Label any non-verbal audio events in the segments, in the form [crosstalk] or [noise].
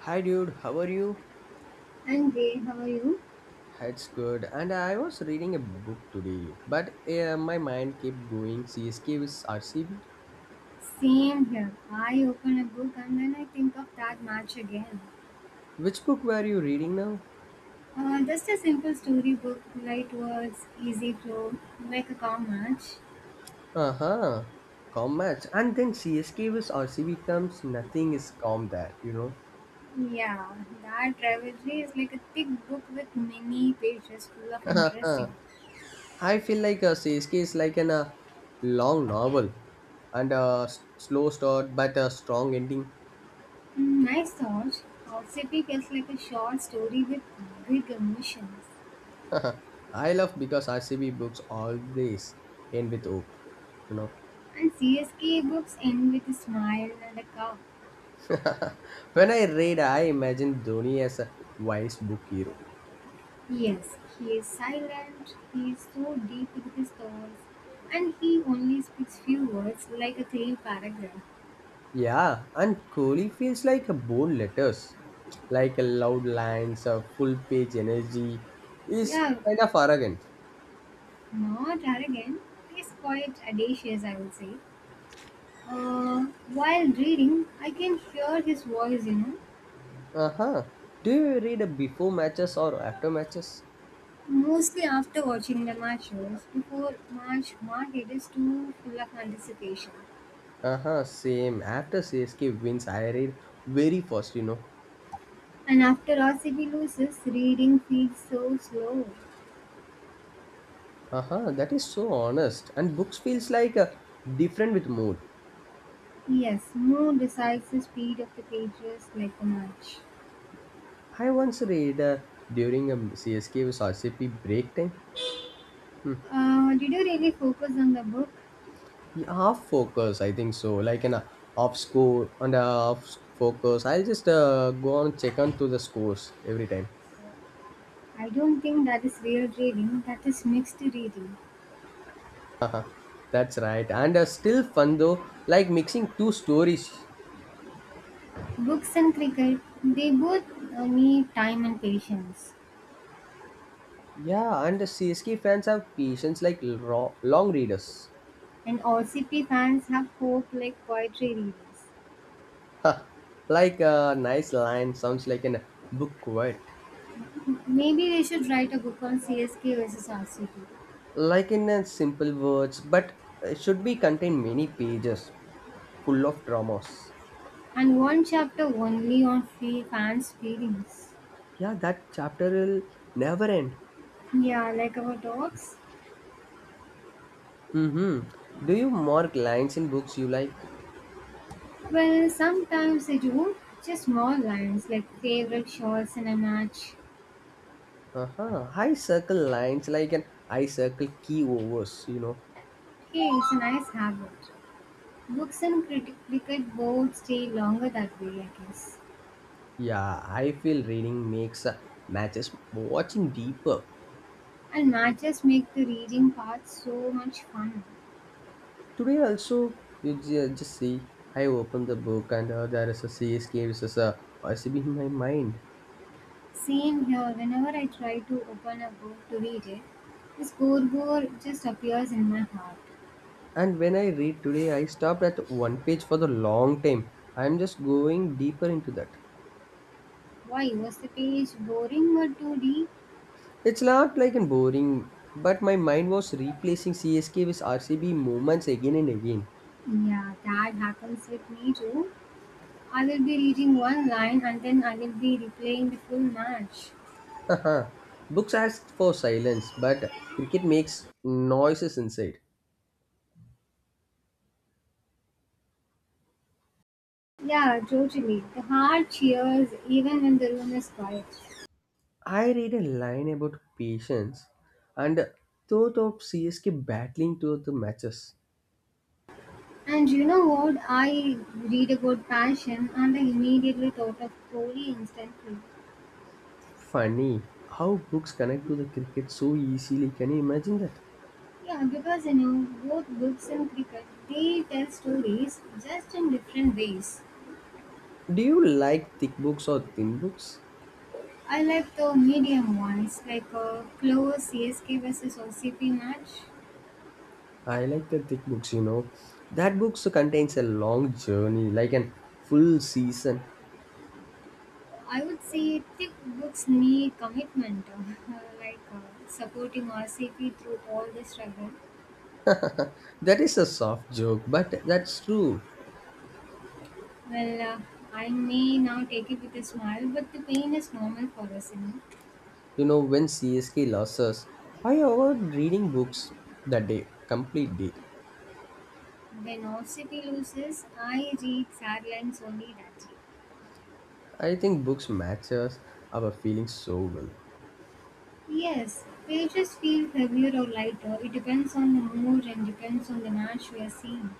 Hi dude, how are you? And am great. How are you? It's good. And I was reading a book today, but my mind kept going CSK with RCB. Same here. I open a book and then I think of that match again. Which book were you reading now? Just a simple storybook, light words, easy flow, like a cow match. Uh-huh. Calm match. And then CSK with RCB comes, nothing is calm there, you know. [laughs] Yeah, that rivalry is like a thick book with many pages full of Uh huh. interesting. I feel like CSK is like an long novel and slow start but a strong ending. Mm, nice thoughts. Gossipy feels like a short story with big emotions. [laughs] I love because RCB books always end with hope, you know. And CSK books end with a smile and a cow. When I read, I imagine Dhoni as a wise book hero. Yes, he is silent, he is so deep in his thoughts, and he only speaks few words like a clean paragraph. Yeah, and Kohli feels like a bold letters, like a loud lines, a full page energy. Is Yeah, kind of arrogant. not arrogant, he is quite audacious, I would say. Uh, while reading, I can hear his voice, Uh huh. Do you read a before matches or after matches? mostly after watching the matches, before March market is too full of anticipation. Uh huh. Same. After CSK wins, I read very fast. You know. And after RCB loses, reading feels so slow. Uh huh. That is so honest. And books feels like a different with mood. Yes, no decides the speed of the pages like a match. I once read during a C S K CSK versus RCP break time. Hmm. Did you really focus on the book? Yeah, half focus, I think so. Like an off score and a off focus. I'll just go on check on to the scores every time. I don't think that is real reading, that is mixed reading. That's right. And still fun though, like mixing two stories. Books and cricket, they both need time and patience. Yeah, and the CSK fans have patience like long readers. [laughs] And RCP fans have hope like poetry readers. Ha, like a nice line sounds like an book quote. Maybe they should write a book on CSK versus RCP, Like in simple words, but it should be contain many pages full of dramas. and one chapter only on fans' feelings. Yeah, that chapter will never end. Yeah, like our dogs. Mm-hmm. Do you mark lines in books you like? Well, sometimes I do. Just small lines like favorite shots in a match. Uh-huh. I circle lines like an I circle key overs, you know. Hey, it's a nice habit. Books and cricket both stay longer that way, I guess. Yeah, I feel reading makes matches watching deeper. And matches make the reading part so much fun. Today also, you just see, I open the book and there is a CSK versus a RCB in my mind. Same here, whenever I try to open a book to read it, the scoreboard just appears in my heart. And when I read today, I stopped at one page for the long time. I'm just going deeper into that. Why was the page boring or too deep? It's not like in boring, but my mind was replacing CSK with RCB moments again and again. Yeah, that happens with me too. I will be reading one line and then I will be replaying the full match. Haha. Books ask for silence, but cricket makes noises inside. Yeah, totally. The heart cheers even when the room is quiet. I read a line about patience and thought of CSK battling to the matches. And you know what? I read about passion and I immediately thought of Kohli instantly. Funny how books connect to the cricket so easily. Can you imagine that? Yeah, because both books and cricket, they tell stories just in different ways. Do you like thick books or thin books? I like the medium ones, like a close CSK versus OCP match. I like the thick books, you know. That books contains a long journey, like an full season. I would say thick books need commitment, [laughs] like supporting RCP through all the struggle. That is a soft joke, but that's true. Well, I may now take it with a smile, but the pain is normal for us. You know, when CSK lost us, I avoid reading books that day, complete day. When RCP loses, I read sad lines only that day. I think books matches our feelings so well. Yes, pages feel heavier or lighter. It depends on the mood and depends on the match we are seeing.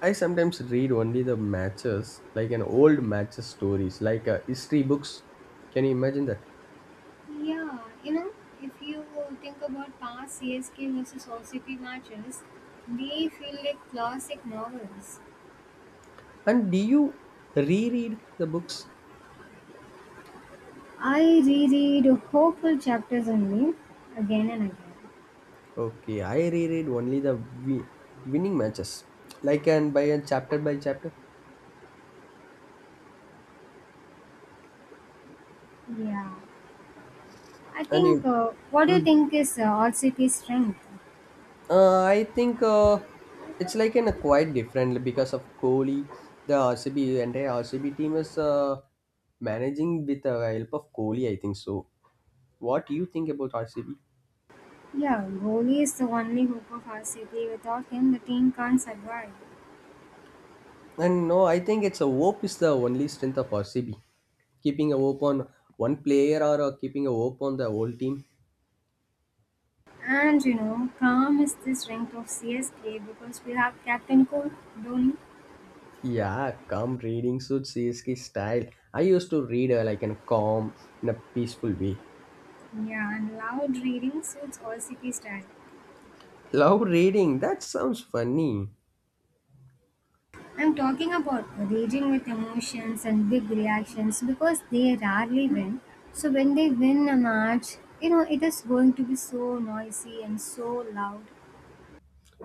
I sometimes read only the matches, like an old matches stories, like history books. Can you imagine that? Yeah, if you think about past CSK versus OCP matches, they feel like classic novels. And do you reread the books? I reread hopeful chapters only, again and again. Okay, I reread only the winning matches, like and by a chapter by chapter. Yeah, I And think, you, what do you Mm. think is R C P's strength? I think it's like in a quite different like, because of Kohli, the RCB entire RCB team is managing with the help of Kohli. I think so. What do you think about RCB? Yeah, goalie is the only hope of RCP. Without him, the team can't survive. And no, I think it's a hope is the only strength of RCB. Keeping a hope on one player or keeping a hope on the whole team. And calm is the strength of CSK because we have Captain Cool, Dhoni. Yeah, calm reading suits CSK style. I used to read like in a calm, in a peaceful way. Yeah, and loud reading suits all city style. Love reading, that sounds funny. I'm talking about raging with emotions and big reactions because they rarely win. So when they win a match, it is going to be so noisy and so loud.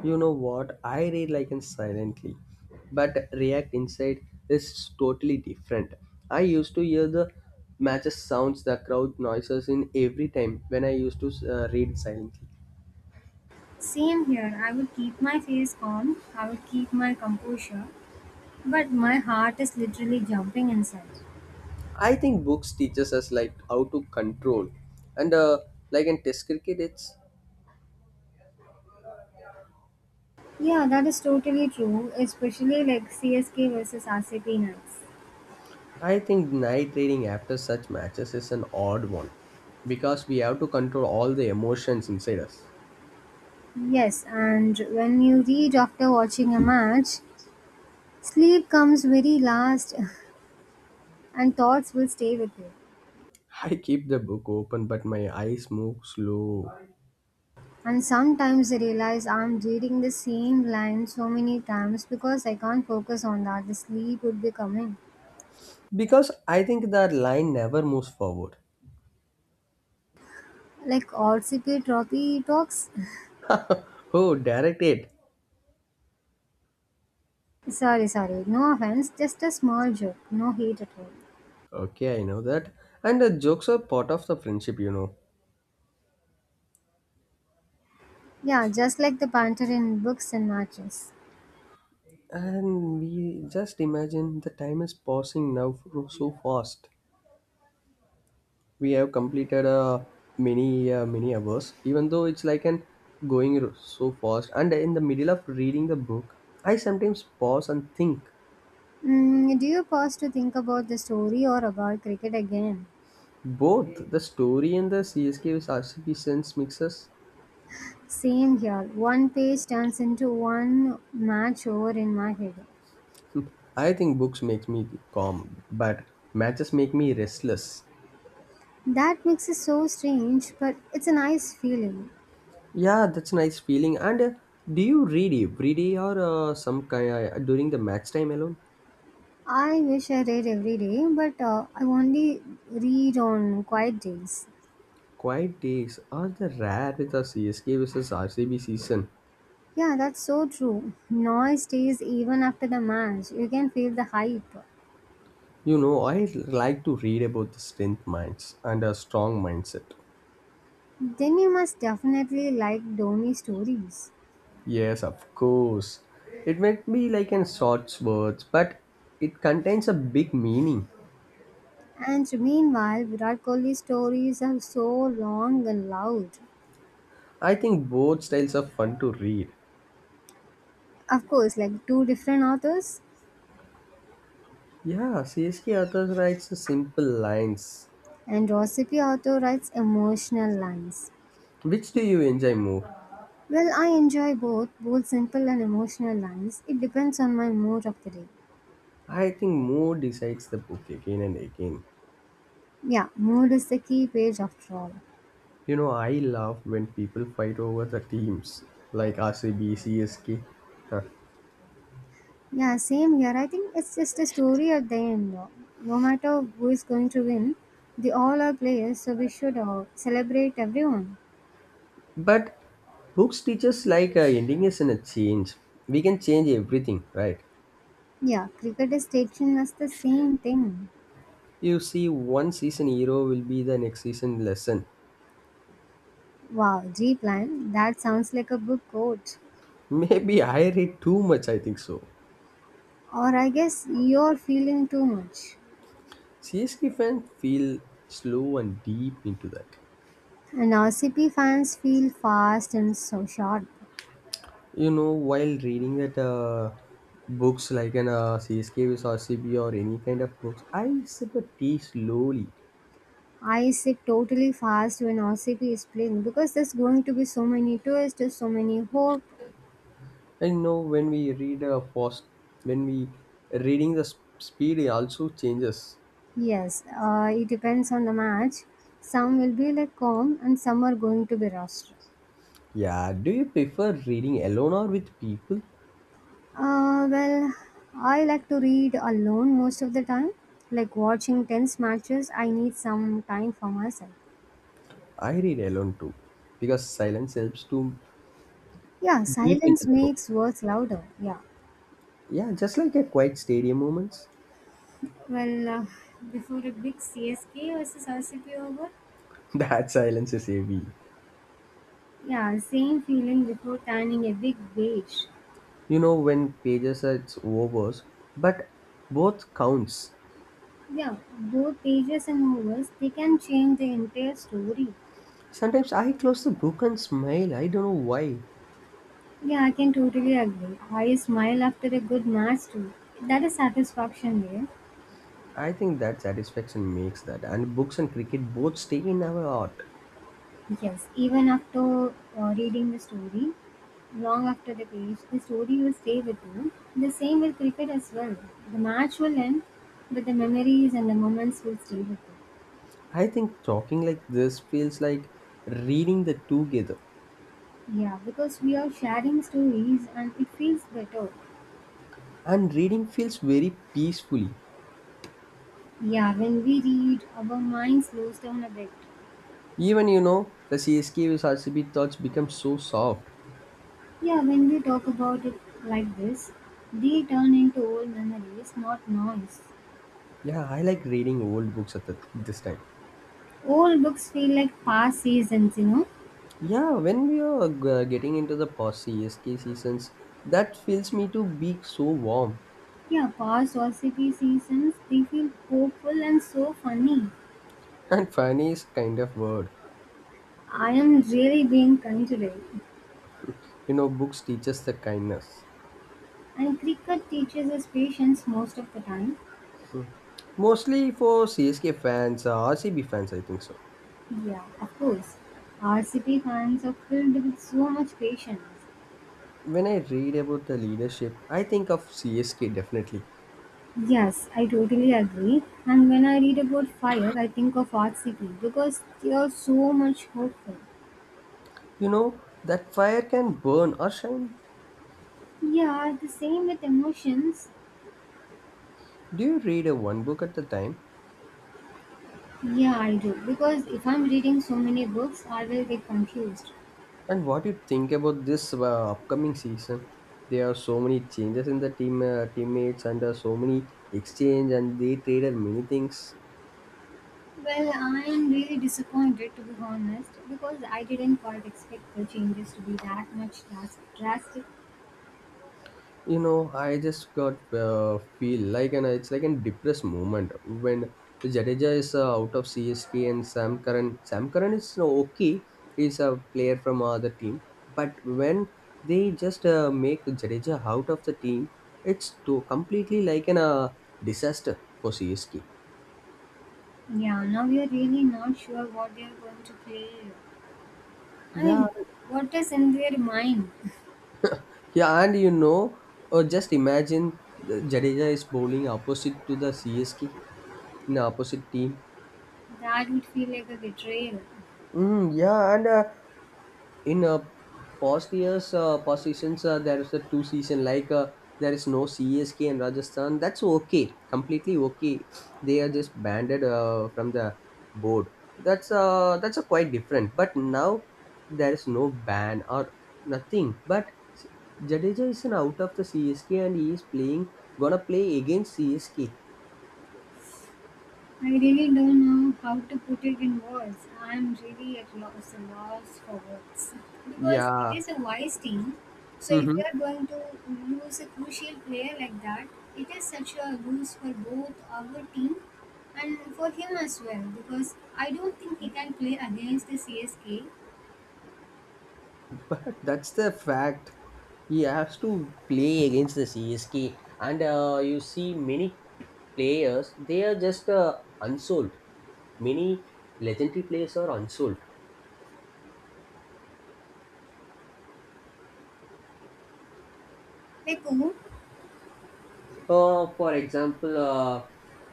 You know what? I read like in silently, but React Inside is totally different. I used to hear the matches sounds, the crowd noises in every time when I used to read silently. Same here, I would keep my face calm, I would keep my composure, but my heart is literally jumping inside. I think books teaches us like how to control, and like in Test cricket, it's Yeah, that is totally true, especially like CSK versus RCP nights. I think night reading after such matches is an odd one because we have to control all the emotions inside us. Yes, and when you read after watching a match, sleep comes very last, [laughs] and thoughts will stay with you. I keep the book open but my eyes move slow And sometimes I realize I'm reading the same line so many times because I can't focus on that. The sleep would be coming. because I think that line never moves forward. Like RCP trophy talks. Oh, direct it. [laughs] Sorry, sorry. No offense. Just a small joke. No hate at all. Okay, I know that. And the jokes are part of the friendship, you know. Yeah, just like the panther in books and matches. And we just imagine the time is passing now so fast. We have completed many hours even though it's like an going so fast, and in the middle of reading the book, I sometimes pause and think Mm, do you pause to think about the story or about cricket again? both the story and the CSK with RCP sense mixes. [laughs] Same here. One page turns into one match over in my head. Hmm. I think books make me calm, but matches make me restless. That mix is so strange, but it's a nice feeling. Yeah, that's a nice feeling, and do you read every day or some kind during the match time alone? I wish I read every day, but I only read on quiet days. Quiet days are the rare with the CSK versus RCB season. Yeah, that's so true. Noise stays even after the match. You can feel the hype. You know, I like to read about the strength minds and a strong mindset. Then you must definitely like Dhoni stories. Yes, of course. It might be like in short words, but it contains a big meaning. And meanwhile, Virat Kohli's stories are so long and loud. I think both styles are fun to read. Of course, like two different authors, Yeah, CSK authors writes simple lines. and Rosipi author writes emotional lines. Which do you enjoy more? Well, I enjoy both, both simple and emotional lines. It depends on my mood of the day. I think more decides the book again and again. Yeah, mood is the key page after all. You know, I love when people fight over the teams like RCB, CSK. Huh. Yeah, same here. I think it's just a story at the end. No no matter who is going to win, they all are players, so we should celebrate everyone. But books teach us like ending is in a change. We can change everything, right? Yeah, cricket is teaching us the same thing. You see, one season hero will be the next season lesson. Wow, G plan. That sounds like a book quote. [laughs] Maybe I read too much, I think so. Or I guess you're feeling too much. CSK fans feel slow and deep into that. And RCP fans feel fast and so short. You know, while reading that books like an CSK with RCB or any kind of books, I sip a tea slowly. I sit totally fast when OCP is playing because there's going to be so many twists, so many hope. I know when we read a fast, when we reading the speed also changes. Yes, it depends on the match. Some will be like calm and some are going to be rushed. Yeah, do you prefer reading alone or with people? Well, I like to read alone most of the time. Like watching tense matches, I need some time for myself. I read alone too because silence helps to Yeah, deep silence into the book. makes words louder. Yeah. Yeah, just like a quiet stadium moments. Well, before a big CSK versus RCB over. [laughs] That silence is heavy. Yeah, same feeling before turning a big page. You know when pages are it's over, but both counts. Yeah, both pages and novels, they can change the entire story. Sometimes I close the book and smile. I don't know why. Yeah, I can totally agree. I smile after a good match too. That is satisfaction there. I think that satisfaction makes that. And books and cricket both stay in our heart. Yes, even after reading the story, long after the page, the story will stay with you. The same with cricket as well. The match will end, but the memories and the moments will stay with you. I think talking like this feels like reading the together. Yeah, because we are sharing stories and it feels better. And reading feels very peacefully. Yeah, when we read, our mind slows down a bit. Even you know the CSK with RCB thoughts become so soft. Yeah, when we talk about it like this, they turn into old memories, not noise. Yeah, I like reading old books at the, this time. Old books feel like past seasons. Yeah, when we are getting into the post CSK seasons, that feels me to be so warm. Yeah, past OCP seasons, they feel hopeful and so funny. [laughs] And funny is kind of word. I am really being kind today. You know, books teach us the kindness. And cricket teaches us patience most of the time. Hmm. Mostly for CSK fans, RCB fans, I think so. Yeah, of course. RCP fans are filled with so much patience. When I read about the leadership, I think of CSK definitely. Yes, I totally agree. And when I read about fire, I think of Art City because they are so much hopeful. You know, that fire can burn or shine. Yeah, the same with emotions. Do you read a one book at a time? Yeah, I do. Because if I'm reading so many books, I will get confused. And what do you think about this upcoming season? There are so many changes in the team teammates and so many exchange and they traded many things. Well, I am really disappointed to be honest because I didn't quite expect the changes to be that much drastic. You know, I just got feel like, and it's like a depressed moment when Jadeja is out of CSK, and Sam Curran, Sam Curran is okay, he's a player from other team, but when they just make Jadeja out of the team, it's to completely like an disaster for CSK. Yeah, now we are really not sure what they are going to play. I Yeah. mean, what is in their mind? [laughs] Yeah, and you know, just imagine the Jadeja is bowling opposite to the CSK, in the opposite team. That would feel like a betrayal. Mm, yeah, and in past years, past seasons, there is a two season like there is no CSK in Rajasthan, that's okay, completely okay, they are just banded from the board, that's that's a quite different, but now there is no ban or nothing, but Jadeja is an out of the CSK and he is playing gonna play against CSK. I really don't know how to put it in words. I'm really at loss, a loss for words. Because it Yeah. is a wise team. So if Hmm. you are going to lose a crucial player like that, it is such a lose for both our team and for him as well. Because I don't think he can play against the CSK. But that's the fact. He has to play against the CSK, and you see many players. They are just unsold. Many legendary players are unsold. Like, oh, For example,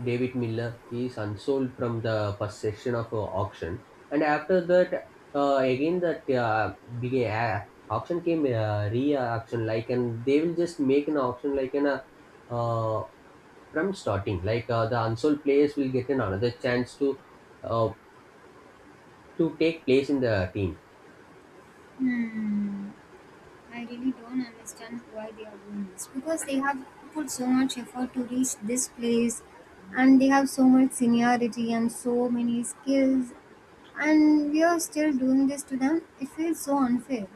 David Miller is unsold from the first session of auction, and after that, again that began auction came re-auction like, and they will just make an auction like an uh, from starting. Like the unsold players will get an another chance uh, to take place in the team. hmm. I really don't understand why they are doing this because they have put so much effort to reach this place and they have so much seniority and so many skills, and we are still doing this to them. It feels so unfair.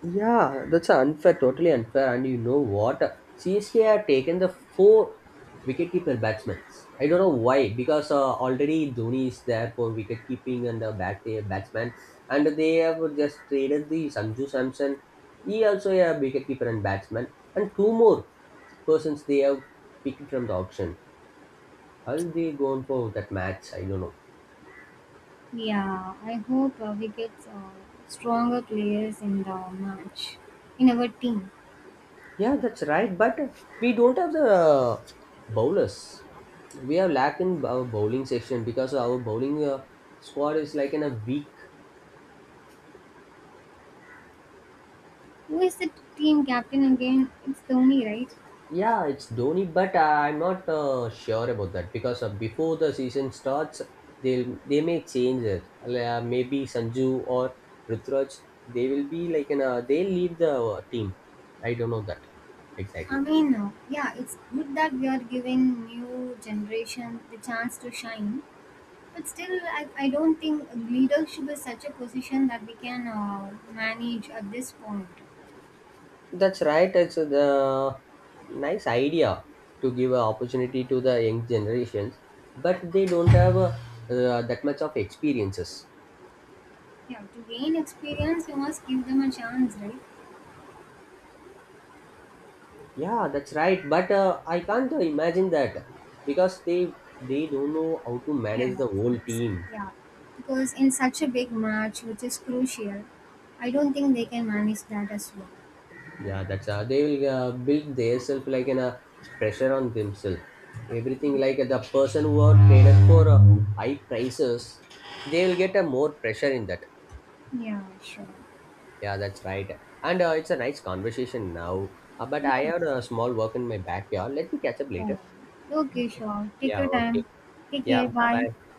Yeah, that's unfair, totally unfair. And you know what? CSK have taken the four wicketkeeper batsmen. I don't know why, because already Dhoni is there for wicketkeeping and the batsman, and they have just traded the Sanju Samson. He also a wicketkeeper and batsman, and two more persons they have picked from the auction. How they gone for that match? I don't know. Yeah, I hope we get stronger players in the match in our team. Yeah, that's right. But we don't have the bowlers. We have lack in our bowling section because our bowling squad is like in a weak. Who is the team captain again? It's Dhoni, right? Yeah, it's Dhoni, but I'm not sure about that because before the season starts, they may change it. Like, maybe Sanju or Rutraj, they will be like in a, they'll leave the team. I don't know that I exactly. mean, yeah, it's good that we are giving new generation the chance to shine. But still, I don't think leadership is such a position that we can manage at this point. That's right. It's the nice idea to give an opportunity to the young generations, but they don't have that much of experiences. Yeah, to gain experience, we must give them a chance, right? Yeah, that's right. But I can't imagine that because they don't know how to manage Yeah, the of whole course. team. Yeah, because in such a big match, which is crucial, I don't think they can manage that as well. Yeah, that's they will build themselves like an pressure on themselves. Everything like the person who are traded for high prices, they will get a more pressure in that. Yeah, sure. Yeah, that's right. And it's a nice conversation now. But I Yeah. have a small work in my backyard. Let me catch up Oh, later. okay, sure. Take Yeah, your okay. time. Take Yeah, care. bye Bye. bye.